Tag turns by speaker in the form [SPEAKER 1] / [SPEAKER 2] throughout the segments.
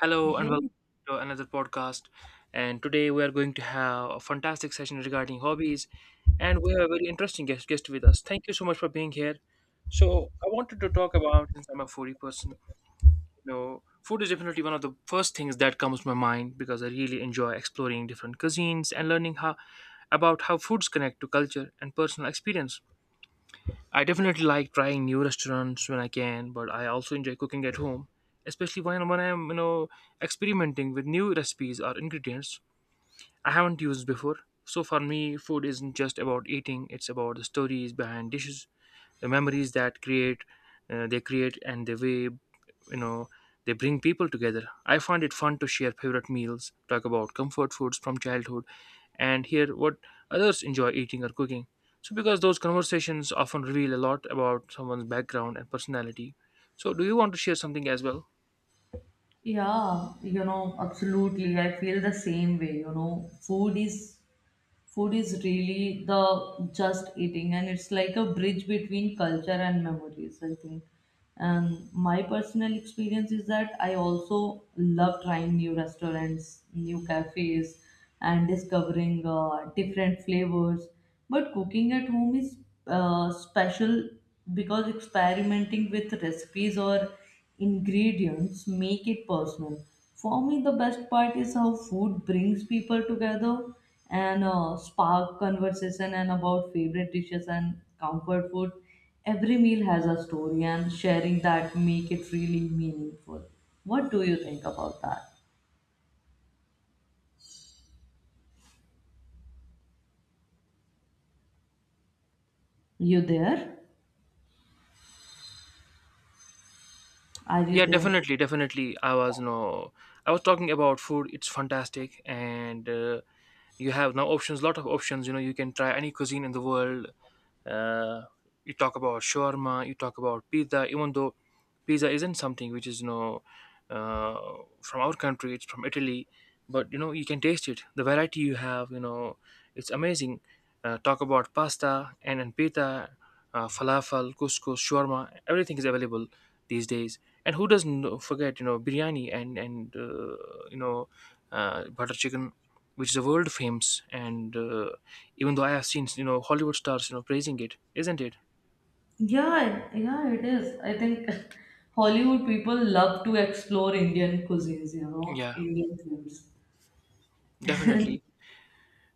[SPEAKER 1] Hello and
[SPEAKER 2] Hey,
[SPEAKER 1] welcome to another podcast. And today we are going to have a fantastic session regarding hobbies, and we have a very interesting guest with us. Thank you so much for being here. So I wanted to talk about, since I'm a foodie person, food is definitely one of the first things that comes to my mind because I really enjoy exploring different cuisines and learning how about how foods connect to culture and personal experience. I definitely like trying new restaurants when I can, but I also enjoy cooking at home, especially when I'm experimenting with new recipes or ingredients I haven't used before. So for me, food isn't just about eating; it's about the stories behind dishes, the memories that create they create, and the way you know they bring people together. I find it fun to share favorite meals, talk about comfort foods from childhood, and hear what others enjoy eating or cooking, so because those conversations often reveal a lot about someone's background and personality. So do you want to share something as well?
[SPEAKER 2] yeah, absolutely. I feel the same way. Food is really the just eating, and it's like a bridge between culture and memories, I think. And my personal experience is that I also love trying new restaurants, new cafes, and discovering different flavors. But cooking at home is special because experimenting with recipes or ingredients make it personal. For me, the best part is how food brings people together and spark conversation and about favorite dishes and comfort food. Every meal has a story, and sharing that make it really meaningful. What do you think about that? You there? Are you
[SPEAKER 1] Yeah,
[SPEAKER 2] there?
[SPEAKER 1] definitely. I was no I was talking about food. It's fantastic. And you have now options, lot of options. You know, you can try any cuisine in the world. uh, you talk about shawarma, you talk about pizza, even though pizza isn't something which is, uh, from our country, it's from Italy. But you know, you can taste it, the variety you have. You know, it's amazing. Talk about pasta and pita, falafel, couscous, shawarma, everything is available these days. And who doesn't know- forget, you know, biryani and you know butter chicken, which is a world famous. And even though I have seen, you know, Hollywood stars, you know, praising it, isn't it?
[SPEAKER 2] Yeah, yeah, it is. I think Hollywood people love to explore Indian cuisines,
[SPEAKER 1] Yeah,
[SPEAKER 2] Indian foods.
[SPEAKER 1] definitely.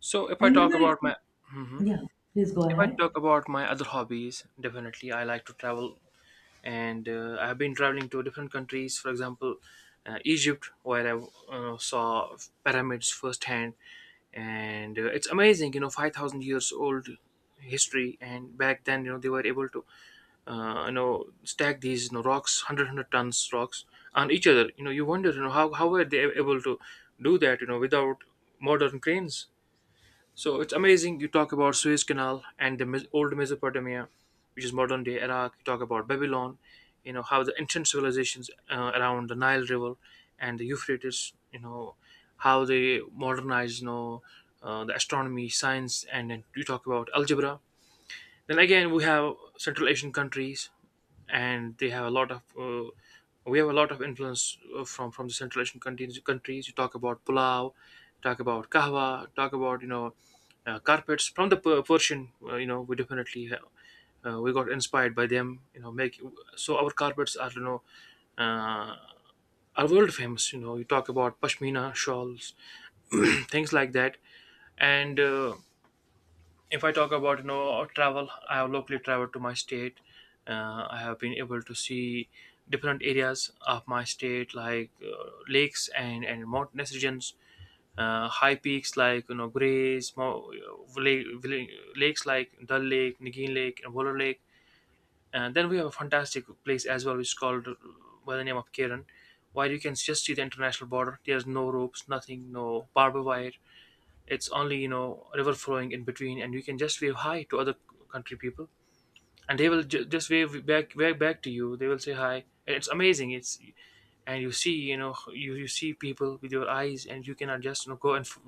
[SPEAKER 1] So if I
[SPEAKER 2] And
[SPEAKER 1] talk
[SPEAKER 2] you
[SPEAKER 1] about
[SPEAKER 2] know,
[SPEAKER 1] my— hmm.
[SPEAKER 2] Yeah, please go
[SPEAKER 1] If I
[SPEAKER 2] ahead.
[SPEAKER 1] talk about my other hobbies, definitely I like to travel, and I have been traveling to different countries. For example, Egypt, where I saw pyramids firsthand, and it's amazing. You know, 5,000 years old history, and back then, you know, they were able to you know, stack these, you know, rocks, 100 tons rocks, on each other. You know, you wonder, you know, how were they able to do that, you know, without modern cranes. So it's amazing. You talk about Suez Canal, and the old Mesopotamia, which is modern day Iraq. You talk about Babylon, you know, how the ancient civilizations around the Nile River and the Euphrates, you know, how they modernized, you know, the astronomy science, and then you talk about algebra. Then again, we have Central Asian countries, and they have a lot of we have a lot of influence from the Central Asian countries. You talk about pulao, talk about kahwa, talk about, you know, carpets from the Persian. You know, we definitely have, we got inspired by them. You know, make, so our carpets are, you know, uh, are world famous. You know, you talk about pashmina shawls, things like that, and if I talk about, you know, travel, I have locally traveled to my state. I have been able to see different areas of my state, like lakes and mountainous regions, high peaks like, you know, Grays, lake, lakes like Dal Lake, Nagin Lake, and Waller Lake. And then we have a fantastic place as well, which is called by the name of Karen, where you can just see the international border. There's no ropes, nothing, no barbed wire. It's only, you know, river flowing in between, and you can just wave hi to other country people, and they will just wave back, wave back, to you. They will say hi. And it's amazing. It's— and you see, you know, you see people with your eyes, and you cannot just, you know, go and f-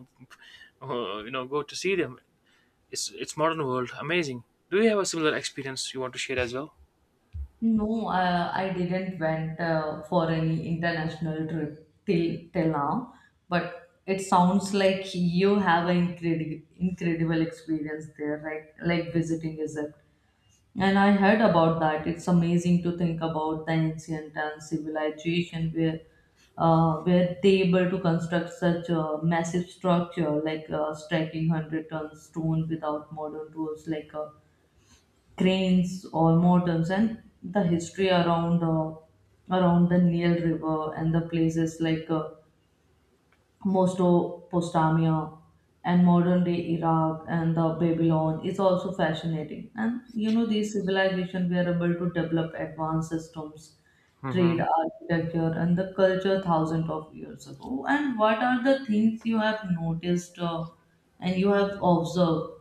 [SPEAKER 1] uh, you know, go to see them. It's modern world, amazing. Do you have a similar experience you want to share as well?
[SPEAKER 2] No, I didn't went for any international trip till now, but it sounds like you have an incredible experience there, right? Like visiting Egypt. And I heard about that. It's amazing to think about the ancient and civilization where were they able to construct such a massive structure like striking 100-ton stone without modern tools like a cranes or mortals, and the history around around the Nile River and the places like Mesopotamia and modern day Iraq and the Babylon is also fascinating. And you know these civilizations were able to develop advanced systems,
[SPEAKER 1] Hmm.
[SPEAKER 2] trade, architecture, and the culture thousands of years ago. And what are the things you have noticed and you have observed,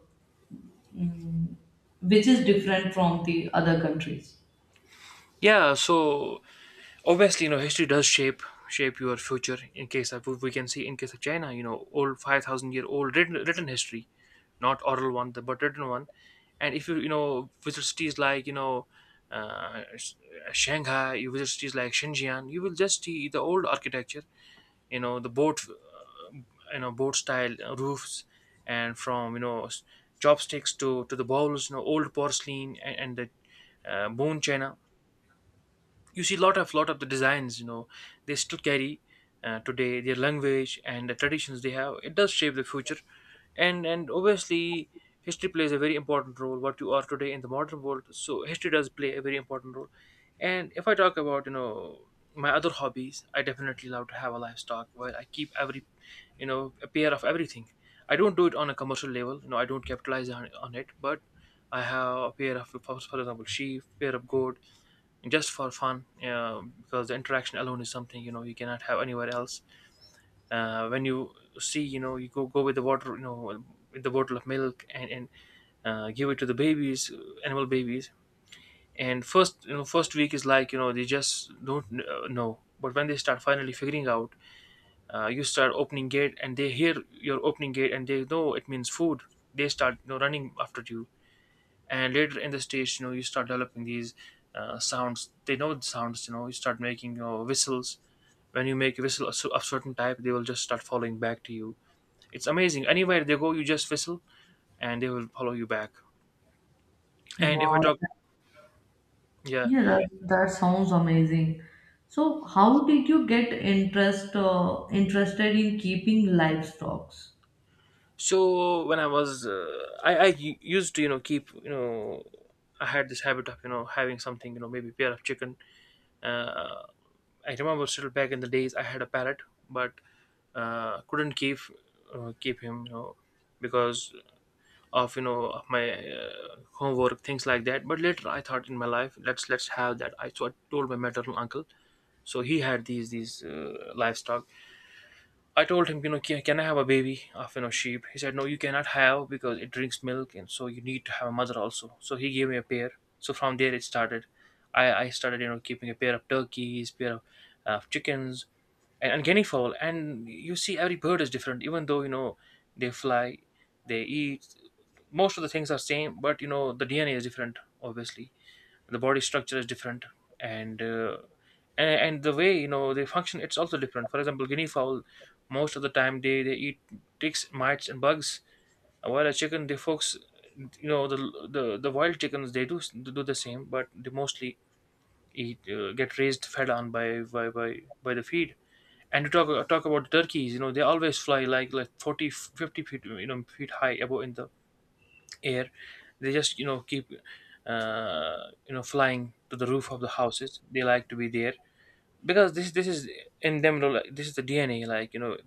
[SPEAKER 2] mm, which is different from the other countries?
[SPEAKER 1] Yeah, so obviously, you know, history does shape your future. In case of, we can see in case of China, you know, old 5,000 year old written history, not oral one, the— but written one. And if you, you know, visit cities like, you know, uh, Sh- Shanghai, you visit cities like Shenzhen, you will just see the old architecture, you know, the boat you know, boat style roofs, and from, chopsticks to the bowls, you know, old porcelain, and the bone china. You see lot of the designs, you know, they still carry today. Their language and the traditions they have, it does shape the future. And obviously, history plays a very important role, what you are today in the modern world. So history does play a very important role. And if I talk about, you know, my other hobbies, I definitely love to have a livestock, where I keep every, you know, a pair of everything. I don't do it on a commercial level. You know, I don't capitalize on it, but I have a pair of, for example, sheep, pair of goat, just for fun. Because the interaction alone is something, you know, you cannot have anywhere else. When you see, you know, you go with the water, you know, well, with the bottle of milk, and give it to the babies, animal babies. And first, you know, first week is like, you know, they just don't know, but when they start finally figuring out, you start opening gate, and they hear your opening gate, and they know it means food. They start, you know, running after you. And later in the stage, you know, you start developing these sounds. They know the sounds, you know, you start making, you know, whistles. When you make a whistle of a certain type, they will just start following back to you. It's amazing. Anywhere they go, you just whistle and they will follow you back. And if I
[SPEAKER 2] Wow.
[SPEAKER 1] talk— yeah.
[SPEAKER 2] Yeah, that sounds amazing. So, how did you get interested in keeping livestock?
[SPEAKER 1] So when I was, I, used to, you know, keep, you know, I had this habit of, you know, having something, you know, maybe pair of chicken. Uh, I remember, still back in the days, I had a parrot, but couldn't keep keep him, you know, because of, you know, of my homework, things like that. But later I thought in my life, let's have that. I— so I told my maternal uncle, so he had these livestock. I told him, you know, can I have a baby of, you know, sheep? He said, no, you cannot have, because it drinks milk, and so you need to have a mother also. So he gave me a pair. So from there it started. I started, you know, keeping a pair of turkeys, pair of chickens, and guinea fowl. And you see, every bird is different. Even though, you know, they fly, they eat. Most of the things are same, but you know, the DNA is different. Obviously, the body structure is different, and and the way, you know, they function, it's also different. For example, guinea fowl, most of the time they eat ticks, mites and bugs, while a chicken, they focus, you know, the— the wild chickens, they do do the same, but they mostly eat, get raised, fed on by the feed. And to talk about turkeys, you know, they always fly like 40 50 feet, you know, feet high above in the air. They just, you know, keep uh, you know, flying to the roof of the houses. They like to be there, because this is in them. Like, this is the DNA. Like, you know,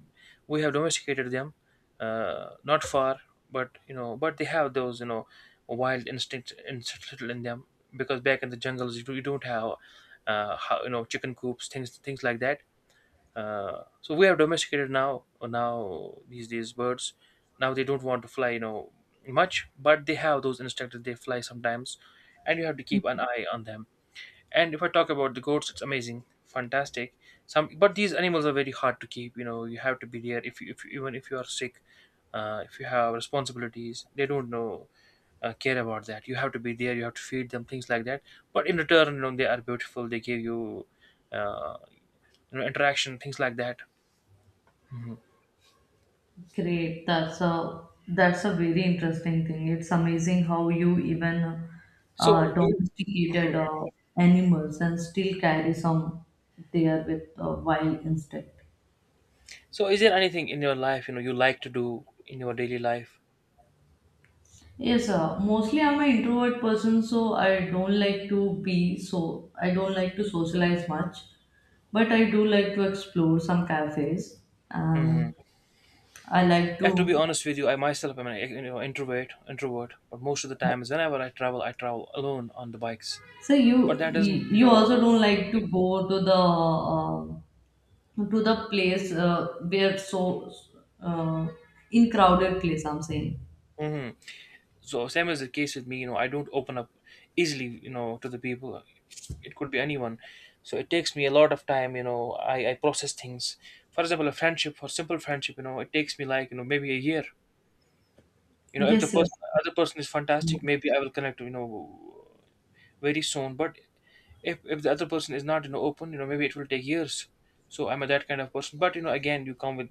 [SPEAKER 1] we have domesticated them not far, but you know, but they have those, you know, wild instincts, instinctual in them, because back in the jungles, you— you don't have you know, chicken coops, things like that. So we have domesticated now, these days birds, now they don't want to fly, you know, much, but they have those instructors, they fly sometimes, and you have to keep an eye on them. And if I talk about the goats, it's amazing, fantastic some. But these animals are very hard to keep. You know, you have to be there. If even if you are sick, if you have responsibilities, they don't know, care about that. You have to be there, you have to feed them things like that. But in return, you know, they are beautiful. They give you uh, interaction, things like that.
[SPEAKER 2] Great. That's a very interesting thing. It's amazing how you even
[SPEAKER 1] So, do you,
[SPEAKER 2] domesticated animals and still carry some there with wild instinct.
[SPEAKER 1] so is there anything in your life, you know, you like to do in your daily life?
[SPEAKER 2] Yes, mostly I'm an introvert person, so I don't like to socialize much, but I do like to explore some cafes,
[SPEAKER 1] Hmm.
[SPEAKER 2] and I like
[SPEAKER 1] Yeah, to be
[SPEAKER 2] to.
[SPEAKER 1] honest with you, I myself am an, you know, introvert. But most of the times, whenever I travel alone on the bikes.
[SPEAKER 2] So you
[SPEAKER 1] But that
[SPEAKER 2] you
[SPEAKER 1] doesn't, you
[SPEAKER 2] you also don't
[SPEAKER 1] know,
[SPEAKER 2] like to go to uh, the place, where so uh, in crowded place. I'm saying
[SPEAKER 1] mhm. So same is the case with me. You know, I don't open up easily, you know, to the people. It could be anyone. So it takes me a lot of time. You know, I process things. For example, a friendship, for simple friendship, you know, it takes me like, you know, maybe a year. You know, if the
[SPEAKER 2] yes, yes,
[SPEAKER 1] person other person is fantastic, maybe I will connect, you know, very soon. But if the other person is not, you know, open, you know, maybe it will take years. So I'm a that kind of person. But you know, again, you come with,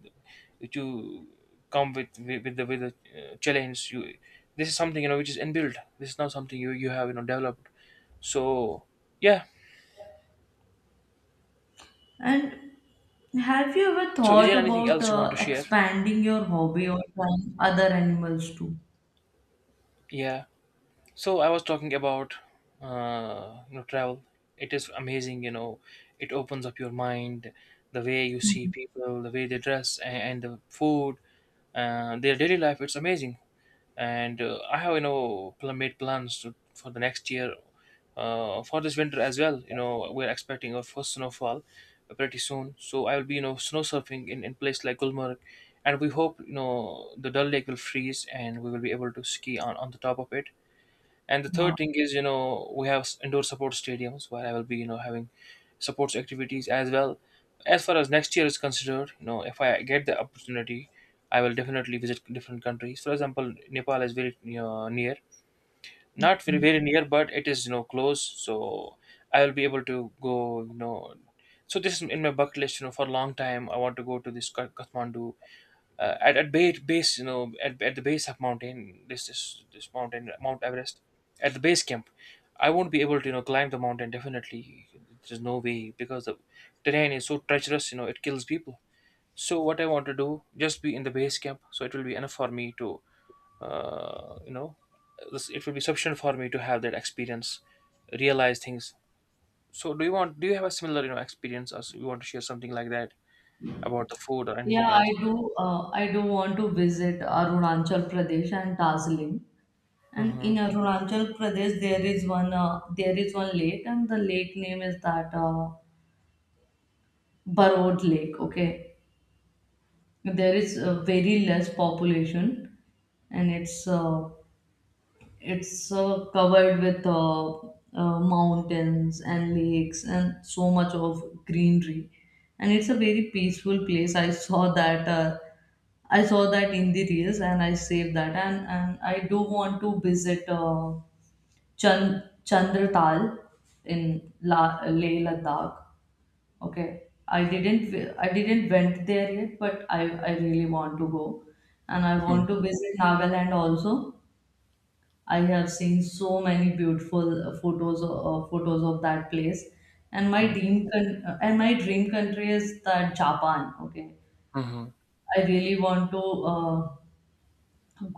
[SPEAKER 1] you come with the challenge. You, this is something, you know, which is inbuilt. This is not something you have, you know, developed. So yeah.
[SPEAKER 2] and. Have you ever
[SPEAKER 1] So is
[SPEAKER 2] thought
[SPEAKER 1] there anything
[SPEAKER 2] about
[SPEAKER 1] else you want to share?
[SPEAKER 2] expanding your hobby or trying other animals too?
[SPEAKER 1] Yeah. So I was talking about you know, travel. It is amazing, you know. It opens up your mind, the way you see people, the way they dress, and the food, their daily life. It's amazing. And I have, you know, made plans to, for the next year, for this winter as well. You know, we're expecting our first snowfall pretty soon, so I will be, you know, snow surfing in place like Gulmarg, and we hope, you know, the Dal Lake will freeze and we will be able to ski on the top of it. And the third
[SPEAKER 2] Uh,
[SPEAKER 1] thing is, you know, we have indoor support stadiums where I will be, you know, having sports activities as well. As far as next year is considered, you know, if I get the opportunity, I will definitely visit different countries. For example, Nepal is very, you know, near, not very near, but it is, you know, close. So I will be able to go. You know, so this is in my bucket list. You know, for a long time, I want to go to this Kathmandu, at base, you know, at the base of mountain, this mountain, Mount Everest, at the base camp. I won't be able to, you know, climb the mountain definitely. There's no way, because the terrain is so treacherous, you know, it kills people. So what I want to do, just be in the base camp, so it will be enough for me to uh, you know it will be sufficient for me to have that experience, realize things. So do you have a similar, you know, experience, or you want to share something like that, about the food or
[SPEAKER 2] Yeah,
[SPEAKER 1] anything
[SPEAKER 2] I
[SPEAKER 1] else?
[SPEAKER 2] do. I do want to visit Arunachal Pradesh and Darjeeling. And in
[SPEAKER 1] Hmm.
[SPEAKER 2] Arunachal Pradesh, there is one. There is one lake, and the lake name is that Barod Lake. Okay, there is very less population, and it's covered with mountains and lakes and so much of greenery, and it's a very peaceful place. I saw that in the reels, and I saved that, and I do want to visit Chandratal in Leh Ladakh. Okay, I didn't went there yet, but I really want to go, and I
[SPEAKER 1] Mhm,
[SPEAKER 2] want to visit Nagaland also. I have seen so many beautiful photos of that place, and
[SPEAKER 1] mhm,
[SPEAKER 2] my dream country is that Japan. Okay,
[SPEAKER 1] mhm.
[SPEAKER 2] I really want to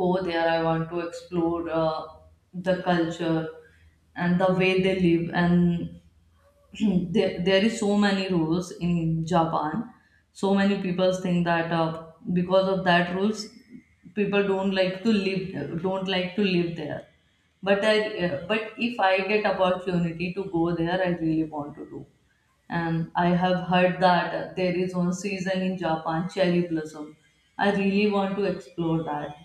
[SPEAKER 2] go there. I want to explore the culture and the way they live. And there is so many rules in Japan. So many people think that because of that rules people don't like to live there. But I but if I get opportunity to go there, I really want to do. And I have heard that there is one season in Japan, cherry blossom. I really want to explore that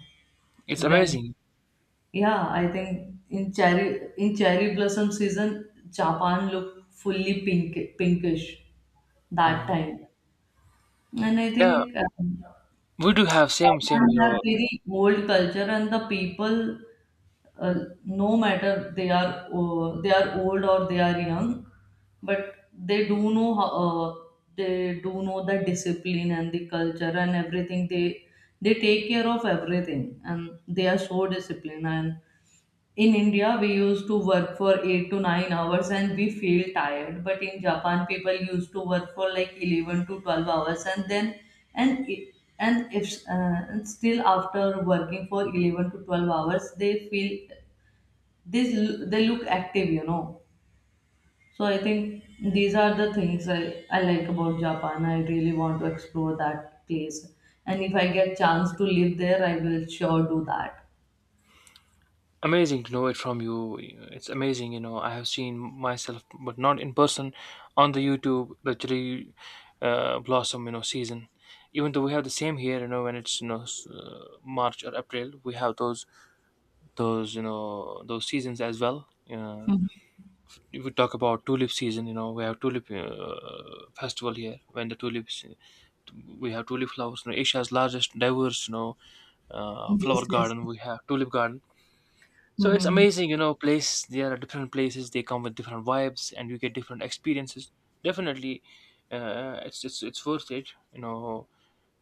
[SPEAKER 1] It's
[SPEAKER 2] when.
[SPEAKER 1] amazing.
[SPEAKER 2] Yeah, I think in cherry blossom season, Japan looked fully pinkish that
[SPEAKER 1] Mhm.
[SPEAKER 2] time, and I
[SPEAKER 1] Yeah,
[SPEAKER 2] think
[SPEAKER 1] we do have same.
[SPEAKER 2] Japan
[SPEAKER 1] You
[SPEAKER 2] have
[SPEAKER 1] know,
[SPEAKER 2] very old culture, and the people, uh, no matter they are old or they are young, but they do know how, uh, they do know the discipline and the culture and everything. They take care of everything, and they are so disciplined. And in India, we used to work for 8 to 9 hours and we feel tired. But in Japan, people used to work for like 11 to 12 hours, and then, and, I- and if, and still after working for 11 to 12 hours, this, they look active. So I think these are the things I like about Japan. I really want to explore that place. And if I get chance to live there, I will sure do that.
[SPEAKER 1] amazing to know it from you. You know, it's amazing. You know, I have seen myself, but not in person, on the YouTube, the cherry blossom, you know, season. Even though we have the same here, you know, when it's, you know, March or April, we have those, you know, those seasons as well. Yeah. If we talk about tulip season, you know, we have tulip festival here when the tulips, we have tulip flowers. You know, Asia's largest, diverse, you know,
[SPEAKER 2] Yes,
[SPEAKER 1] flower
[SPEAKER 2] yes.
[SPEAKER 1] garden. We have tulip garden. So it's
[SPEAKER 2] Mm-hmm.
[SPEAKER 1] amazing, you know, place. There are different places. They come with different vibes, and you get different experiences. Definitely, it's worth it. You know,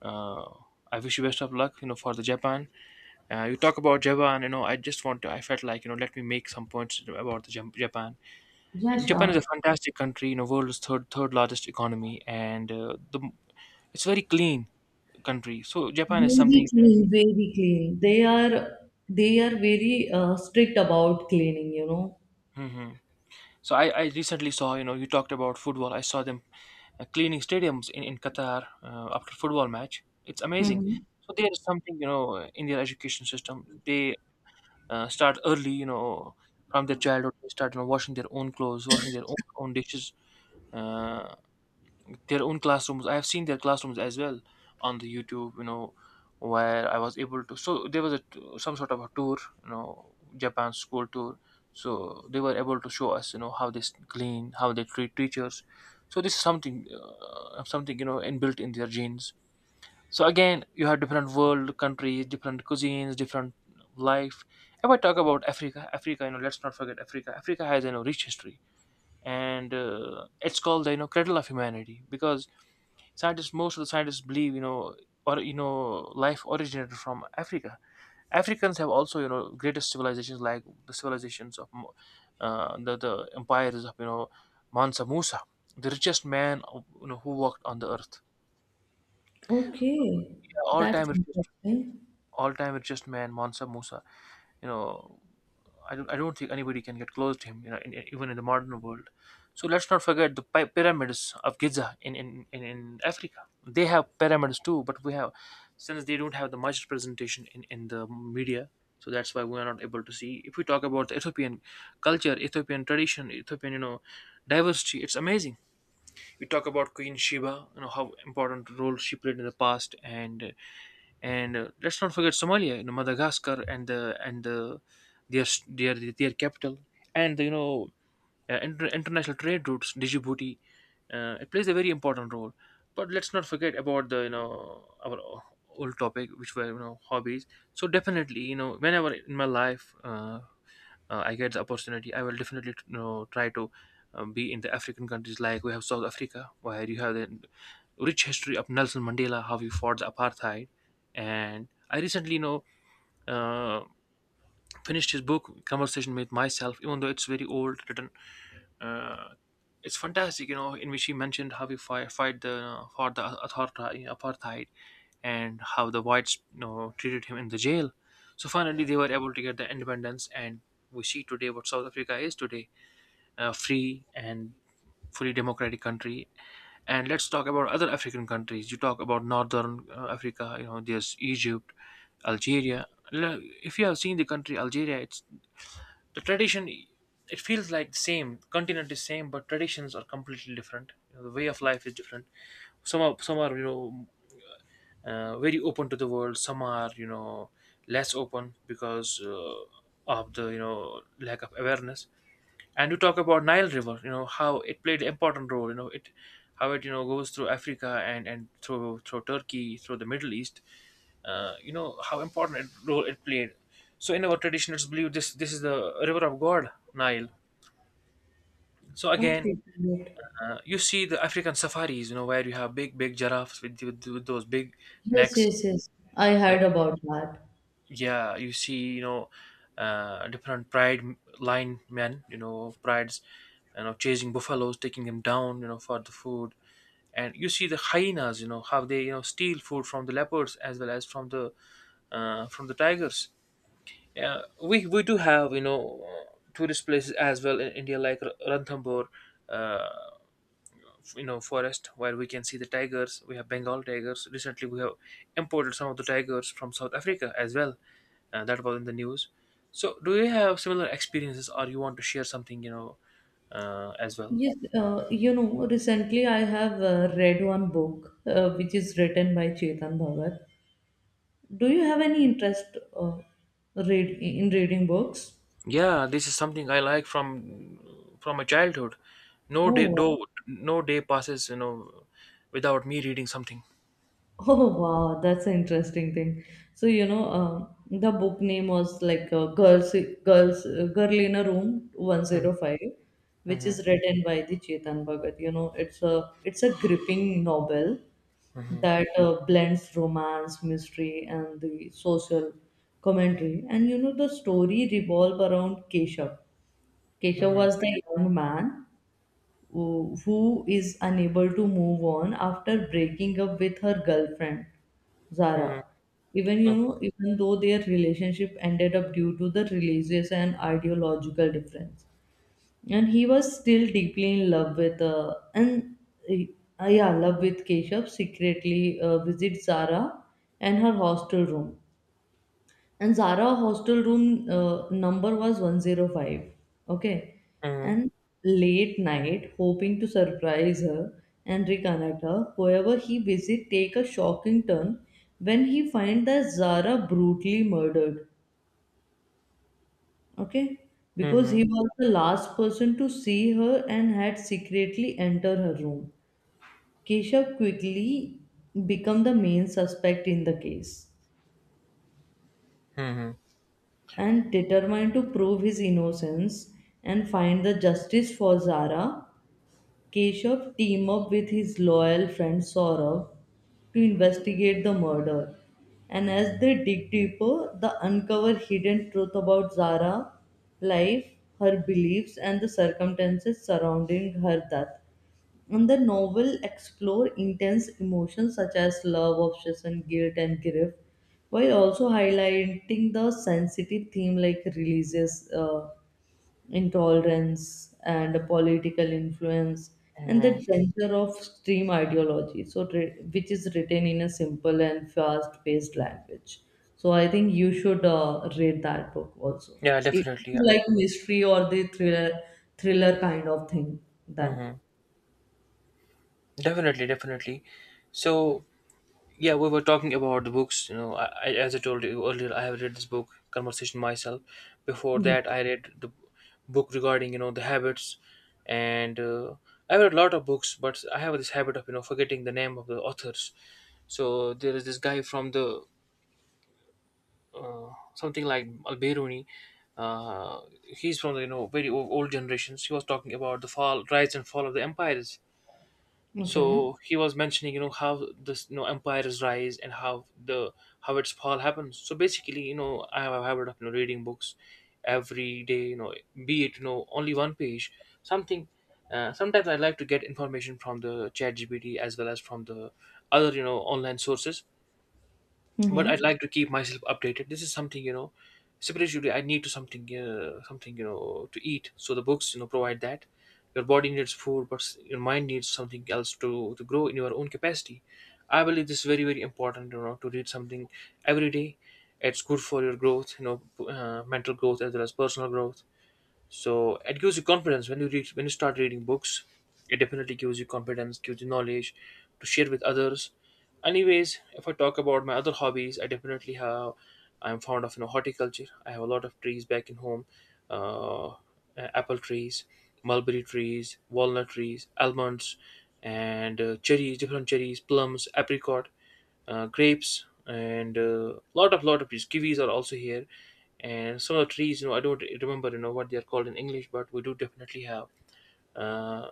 [SPEAKER 1] uh, I wish you best of luck. You know, for the Japan. You talk about Japan. You know, I just want to. I felt like, you know, let me make some points about the Japan.
[SPEAKER 2] Yeah,
[SPEAKER 1] Japan is a
[SPEAKER 2] sure.
[SPEAKER 1] fantastic country, you know, world's third largest economy, and the, it's very clean country. So Japan is
[SPEAKER 2] Very
[SPEAKER 1] something.
[SPEAKER 2] clean, very clean. They are very strict about cleaning.
[SPEAKER 1] Hmm. So I recently saw, you know, you talked about football. I saw them cleaning stadiums in Qatar after football match. It's amazing.
[SPEAKER 2] Mm-hmm.
[SPEAKER 1] So there is something, you know, in their education system, they start early, you know, from their childhood. They start, you know, washing their own clothes, washing their own, own dishes. Uh, their own classrooms. I have seen their classrooms as well on the YouTube, you know, where I was able to. So there was a some sort of a tour, you know, Japan school tour. So they were able to show us, you know, how they clean, how they treat teachers. So this is something, something, you know, inbuilt in their genes. So again, you have different world countries, different cuisines, different life. If I talk about Africa, Africa, you know, let's not forget Africa. Africa has, you know, rich history, and it's called the, you know, cradle of humanity, because scientists most of the scientists believe, you know, or, you know, life originated from Africa. Africans have also, you know, greatest civilizations, like the civilizations of the empires of, you know, Mansa Musa, the richest man, you know, who walked on the earth.
[SPEAKER 2] Okay,
[SPEAKER 1] Yeah, all
[SPEAKER 2] that's
[SPEAKER 1] time richest,
[SPEAKER 2] interesting.
[SPEAKER 1] all time richest man, Mansa Musa, you know. I don't think anybody can get close to him, you know, in, even in the modern world. So let's not forget the pyramids of Giza, in, in Africa. They have pyramids too, but we have, since they don't have the much representation in the media, so that's why we are not able to see. If we talk about the Ethiopian culture, Ethiopian tradition, Ethiopian, you know, diversity, it's amazing. We talk about Queen Sheba, you know, how important role she played in the past. And let's not forget Somalia, you know, Madagascar, and their capital, and you know, international trade routes, Djibouti, it plays a very important role. But let's not forget about the, you know, our old topic, which were, you know, hobbies. So definitely, you know, whenever in my life, I get the opportunity, I will definitely, you know, try to be in the African countries, like we have South Africa, where you have the rich history of Nelson Mandela, how he fought the apartheid. And I recently, you know, uh, finished his book, Conversation with Myself, even though it's very old, written. Uh, it's fantastic, you know, in which he mentioned how we fight the for the authority, apartheid, and how the whites, you know, treated him in the jail. So finally, they were able to get the independence, and we see today what South Africa is today, free and fully democratic country. And let's talk about other African countries. You talk about Northern Africa. You know, there's Egypt, Algeria. If you have seen the country Algeria, it's the tradition. It feels like the same continent is same, but traditions are completely different. You know, the way of life is different. Some are you know, very open to the world. Some are less open because of the lack of awareness. And you talk about Nile River, you know, how it played an important role. You know, goes through Africa, and through Turkey, through the Middle East. You know how important role it played. So in our traditionals believe, this is the river of God, Nile. So again,
[SPEAKER 2] Okay, good.
[SPEAKER 1] you see the African safaris, you know, where you have big giraffes with those big
[SPEAKER 2] Yes,
[SPEAKER 1] necks.
[SPEAKER 2] yes, yes. I
[SPEAKER 1] uh,
[SPEAKER 2] heard about that.
[SPEAKER 1] yeah, you see, you know, different pride, line men, you know, prides, you know, chasing buffaloes, taking them down, you know, for the food. And you see the hyenas, you know, how they, you know, steal food from the leopards as well as from the tigers. Yeah, we do have, you know, tourist places as well in India, like Ranthambore, uh, you know, forest where we can see the tigers. We have Bengal tigers. Recently we have imported some of the tigers from South Africa as well. That was in the news. So do you have similar experiences, or you want to share something, you know, as well?
[SPEAKER 2] Yes, recently I have read one book which is written by Chetan Bhagat. Do you have any interest read in reading books?
[SPEAKER 1] Yeah, this is something I like from my childhood. No day,
[SPEAKER 2] Oh,
[SPEAKER 1] no, no day passes, you know, without me reading something.
[SPEAKER 2] oh wow, that's an interesting thing. So the book name was like Girl in a Room 105," which is
[SPEAKER 1] Mhm,
[SPEAKER 2] written by the Chetan Bhagat. You know, it's a gripping novel
[SPEAKER 1] mhm,
[SPEAKER 2] that blends romance, mystery, and the social commentary. And you know, the story revolve around Keshav.
[SPEAKER 1] mhm,
[SPEAKER 2] Keshav
[SPEAKER 1] mhm,
[SPEAKER 2] was the young man who is unable to move on after breaking up with her girlfriend Zara.
[SPEAKER 1] mhm.
[SPEAKER 2] Even you
[SPEAKER 1] Okay.
[SPEAKER 2] know, even though their relationship ended up due to the religious and ideological difference, and he was still deeply in love with Keshav. Secretly visits Zara and her hostel room, and Zara hostel room number was 105. Okay.
[SPEAKER 1] Mhm,
[SPEAKER 2] And late night, hoping to surprise her and reconnect her, whoever he visit take a shocking turn when he find that Zara brutally murdered. Okay. Because
[SPEAKER 1] mhm,
[SPEAKER 2] he was the last person to see her and had secretly entered her room. Keshav quickly become the main suspect in the case,
[SPEAKER 1] mhm,
[SPEAKER 2] and determined to prove his innocence and find the justice for Zara, Keshav team up with his loyal friend Saurav to investigate the murder. And as they dig deeper, they uncover hidden truth about Zara, life, her beliefs, and the circumstances surrounding her death. And the novel explore intense emotions such as love, obsession, guilt, and grief, while also highlighting the sensitive theme like religious intolerance and political influence and the
[SPEAKER 1] mhm.
[SPEAKER 2] danger of extreme ideology. So, which is written in a simple and fast-paced language. So, I think you should read that book also.
[SPEAKER 1] Yeah,
[SPEAKER 2] If
[SPEAKER 1] definitely,
[SPEAKER 2] you
[SPEAKER 1] yeah.
[SPEAKER 2] like mystery or the thriller kind of thing, then
[SPEAKER 1] Mhm. Definitely, definitely. So yeah, we were talking about the books. You know, as I told you earlier, I have read this book, Conversation Myself. Before
[SPEAKER 2] yes.
[SPEAKER 1] that, I read the book regarding, you know, the habits, and I read a lot of books, but I have this habit of, you know, forgetting the name of the authors. So there is this guy from the something like Al-Biruni. He's from the, you know, very old generations. He was talking about the fall, rise and fall of the empires.
[SPEAKER 2] Okay.
[SPEAKER 1] So he was mentioning, you know, how this, you know, empires rise and how the how its fall happens. So basically, you know, I have a habit of, you know, reading books every day, you know, be it, you know, only one page, something. Sometimes I like to get information from the chat gpt as well as from the other, you know, online sources, but I'd
[SPEAKER 2] Mm-hmm.
[SPEAKER 1] like to keep myself updated. This is something, you know, spiritually I need to something something, you know, to eat. So the books, you know, provide that. Your body needs food, but your mind needs something else to grow in your own capacity. I believe this is very important. You know, to read something every day. It's good for your growth. You know, mental growth as well as personal growth. So it gives you confidence when you read, when you start reading books. It definitely gives you confidence, gives you knowledge to share with others. Anyways, if I talk about my other hobbies, I definitely have, I'm fond of, you know, horticulture. I have a lot of trees back in home. uh, Apple trees, mulberry trees, walnut trees, almonds, and cherries, different cherries, plums, apricot, grapes, and a lot of trees, kiwis are also here. And some of the trees, you know, I don't remember, you know, what they are called in English, but we do definitely have. uh,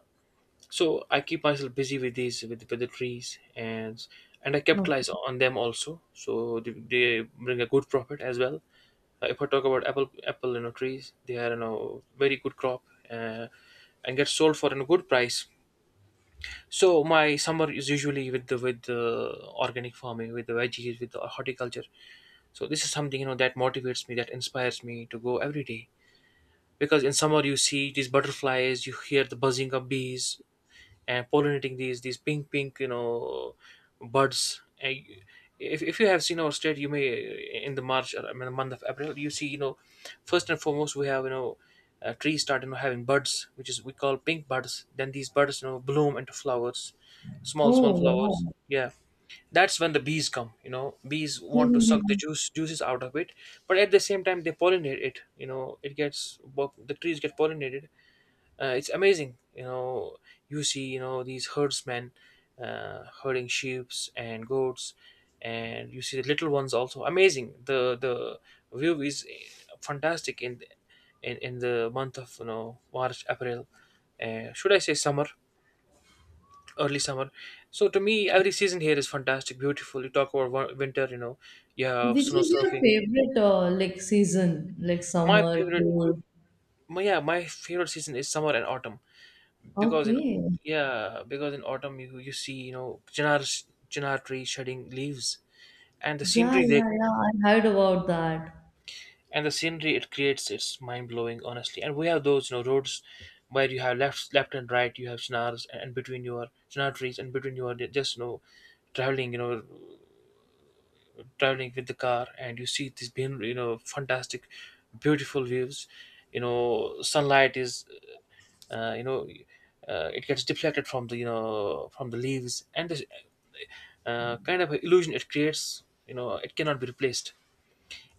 [SPEAKER 1] so I keep myself busy with these, with the trees, and I capitalize
[SPEAKER 2] Okay.
[SPEAKER 1] on them also, so they bring a good profit as well. If I talk about apple, you know, trees, they are, you know, very good crop, uh, and get sold for a good price. So my summer is usually with the organic farming, with the veggies, with the horticulture. So this is something, you know, that motivates me, that inspires me to go every day, because in summer you see these butterflies, you hear the buzzing of bees, and pollinating these pink you know, buds. And if you have seen our state, you may in the March or in the month of April, you see, you know, first and foremost, we have, you know, trees start, you know, having buds, which is we call pink buds. Then these buds, you know, bloom into flowers, small
[SPEAKER 2] Oh,
[SPEAKER 1] flowers,
[SPEAKER 2] wow.
[SPEAKER 1] yeah. That's when the bees come, you know, bees want to suck the
[SPEAKER 2] Mm-hmm.
[SPEAKER 1] juice, juices out of it, but at the same time they pollinate it, you know, it gets the trees get pollinated. It's amazing, you know. You see, you know, these herdsmen herding sheep and goats, and you see the little ones also amazing. The view is fantastic in the month of, you know, March, April, should I say summer, early summer. So to me, every season here is fantastic, beautiful. You talk about winter, you know, you have
[SPEAKER 2] Which
[SPEAKER 1] snow
[SPEAKER 2] is your
[SPEAKER 1] surfing.
[SPEAKER 2] favorite like season? Like
[SPEAKER 1] My
[SPEAKER 2] summer,
[SPEAKER 1] favorite,
[SPEAKER 2] cold?
[SPEAKER 1] yeah, my favorite season is summer and autumn, because in
[SPEAKER 2] Okay.
[SPEAKER 1] yeah, because in autumn, you see, you know, chinar, tree shedding leaves, and the
[SPEAKER 2] Yeah,
[SPEAKER 1] scenery they,
[SPEAKER 2] yeah, yeah. I heard about that.
[SPEAKER 1] and the scenery it creates, it's mind blowing honestly. And we have those, you know, roads where you have left and right, you have chinars, and between your chinar trees, and between your just, you know, traveling, you know, traveling with the car, and you see these you know, fantastic, beautiful views. You know, sunlight is you know, it gets deflected from the, you know, from the leaves, and this kind of illusion it creates, you know, it cannot be replaced.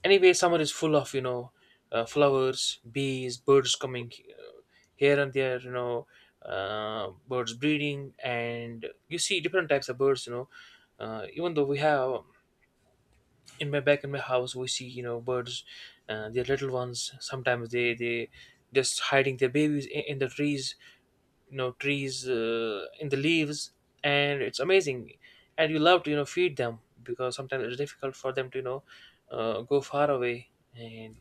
[SPEAKER 1] Anyway, summer is full of, you know, flowers, bees, birds coming uh, here and there, you know, birds breeding, and you see different types of birds, you know, even though we have in my back, in my house, we see, you know, birds, they little ones, sometimes they just hiding their babies in the trees, you know, trees in the leaves, and it's amazing. And you love to, you know, feed them, because sometimes it's difficult for them to, you know, go far away, and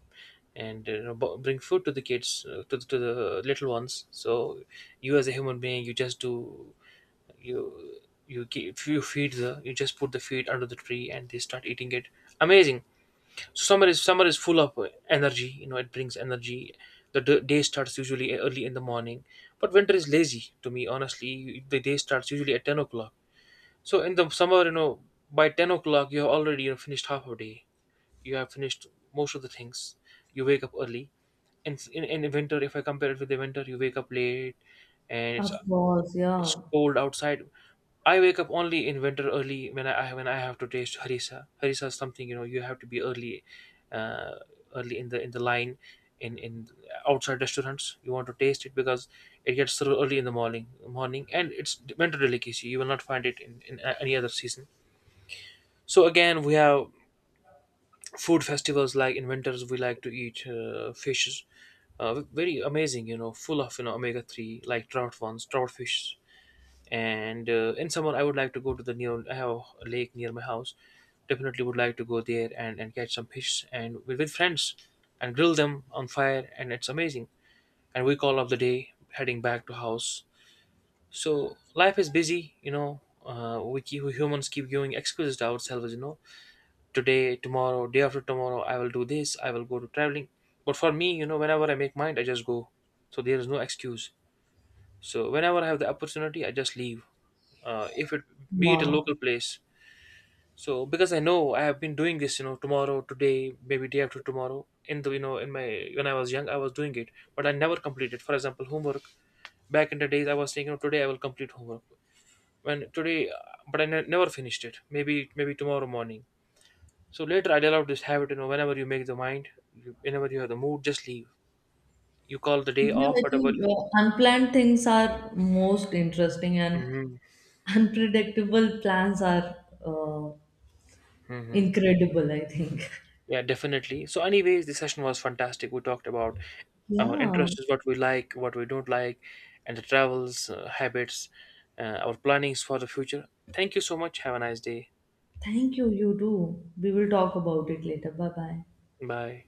[SPEAKER 1] you know, bring food to the kids to the little ones. So you as a human being, you just do, you you keep, you feed the, you just put the feed under the tree, and they start eating it. Amazing. So summer is full of energy. You know, it brings energy. The day starts usually early in the morning, but winter is lazy to me. Honestly, the day starts usually at 10 o'clock. So in the summer, you know, by 10 o'clock you have already, you know, finished half a day. You have finished most of the things. You wake up early. And in winter, if I compare it with the winter, you wake up late, and
[SPEAKER 2] Of course, yeah.
[SPEAKER 1] it's cold outside. I wake up only in winter early when I have to taste harissa. Harissa is something, you know, you have to be early, uh, early in the line, in outside restaurants. You want to taste it because it gets served early in the morning, and it's winter delicacy. You will not find it in any other season. So again, we have food festivals. Like in winters, we like to eat fishes, uh, very amazing. You know, full of, you know, omega three, like trout ones, trout fish. And in summer I would like to go to the near, I have a lake near my house, definitely would like to go there and catch some fish, and with friends, and grill them on fire, and it's amazing. And we call off the day heading back to house. So life is busy, you know, we humans keep giving excuses to ourselves, you know, today, tomorrow, day after tomorrow, I will do this, I will go to traveling. But for me, you know, whenever I make mind, I just go. So there is no excuse. So whenever I have the opportunity, I just leave. If it be it a
[SPEAKER 2] Wow.
[SPEAKER 1] local place, so because I know I have been doing this, you know, tomorrow, today, maybe day after tomorrow. In the, you know, in my when I was young, I was doing it, but I never completed. For example, homework. Back in the days, I was thinking, today I will complete homework. When today, but I never finished it. Maybe tomorrow morning. So later, I developed this habit. You know, whenever you make the mind, whenever you have the mood, just leave. You call the day
[SPEAKER 2] Yeah,
[SPEAKER 1] off,
[SPEAKER 2] I
[SPEAKER 1] whatever.
[SPEAKER 2] think unplanned things are most interesting, and
[SPEAKER 1] Hmm.
[SPEAKER 2] unpredictable plans are uh,
[SPEAKER 1] Hmm.
[SPEAKER 2] incredible, I think.
[SPEAKER 1] Yeah, definitely. So anyways, the session was fantastic. We talked about our
[SPEAKER 2] Yeah.
[SPEAKER 1] interests, what we like, what we don't like, and the travels, habits, our plannings for the future. Thank you so much. Have a nice day.
[SPEAKER 2] Thank you. You too. We will talk about it later. Bye bye.
[SPEAKER 1] Bye.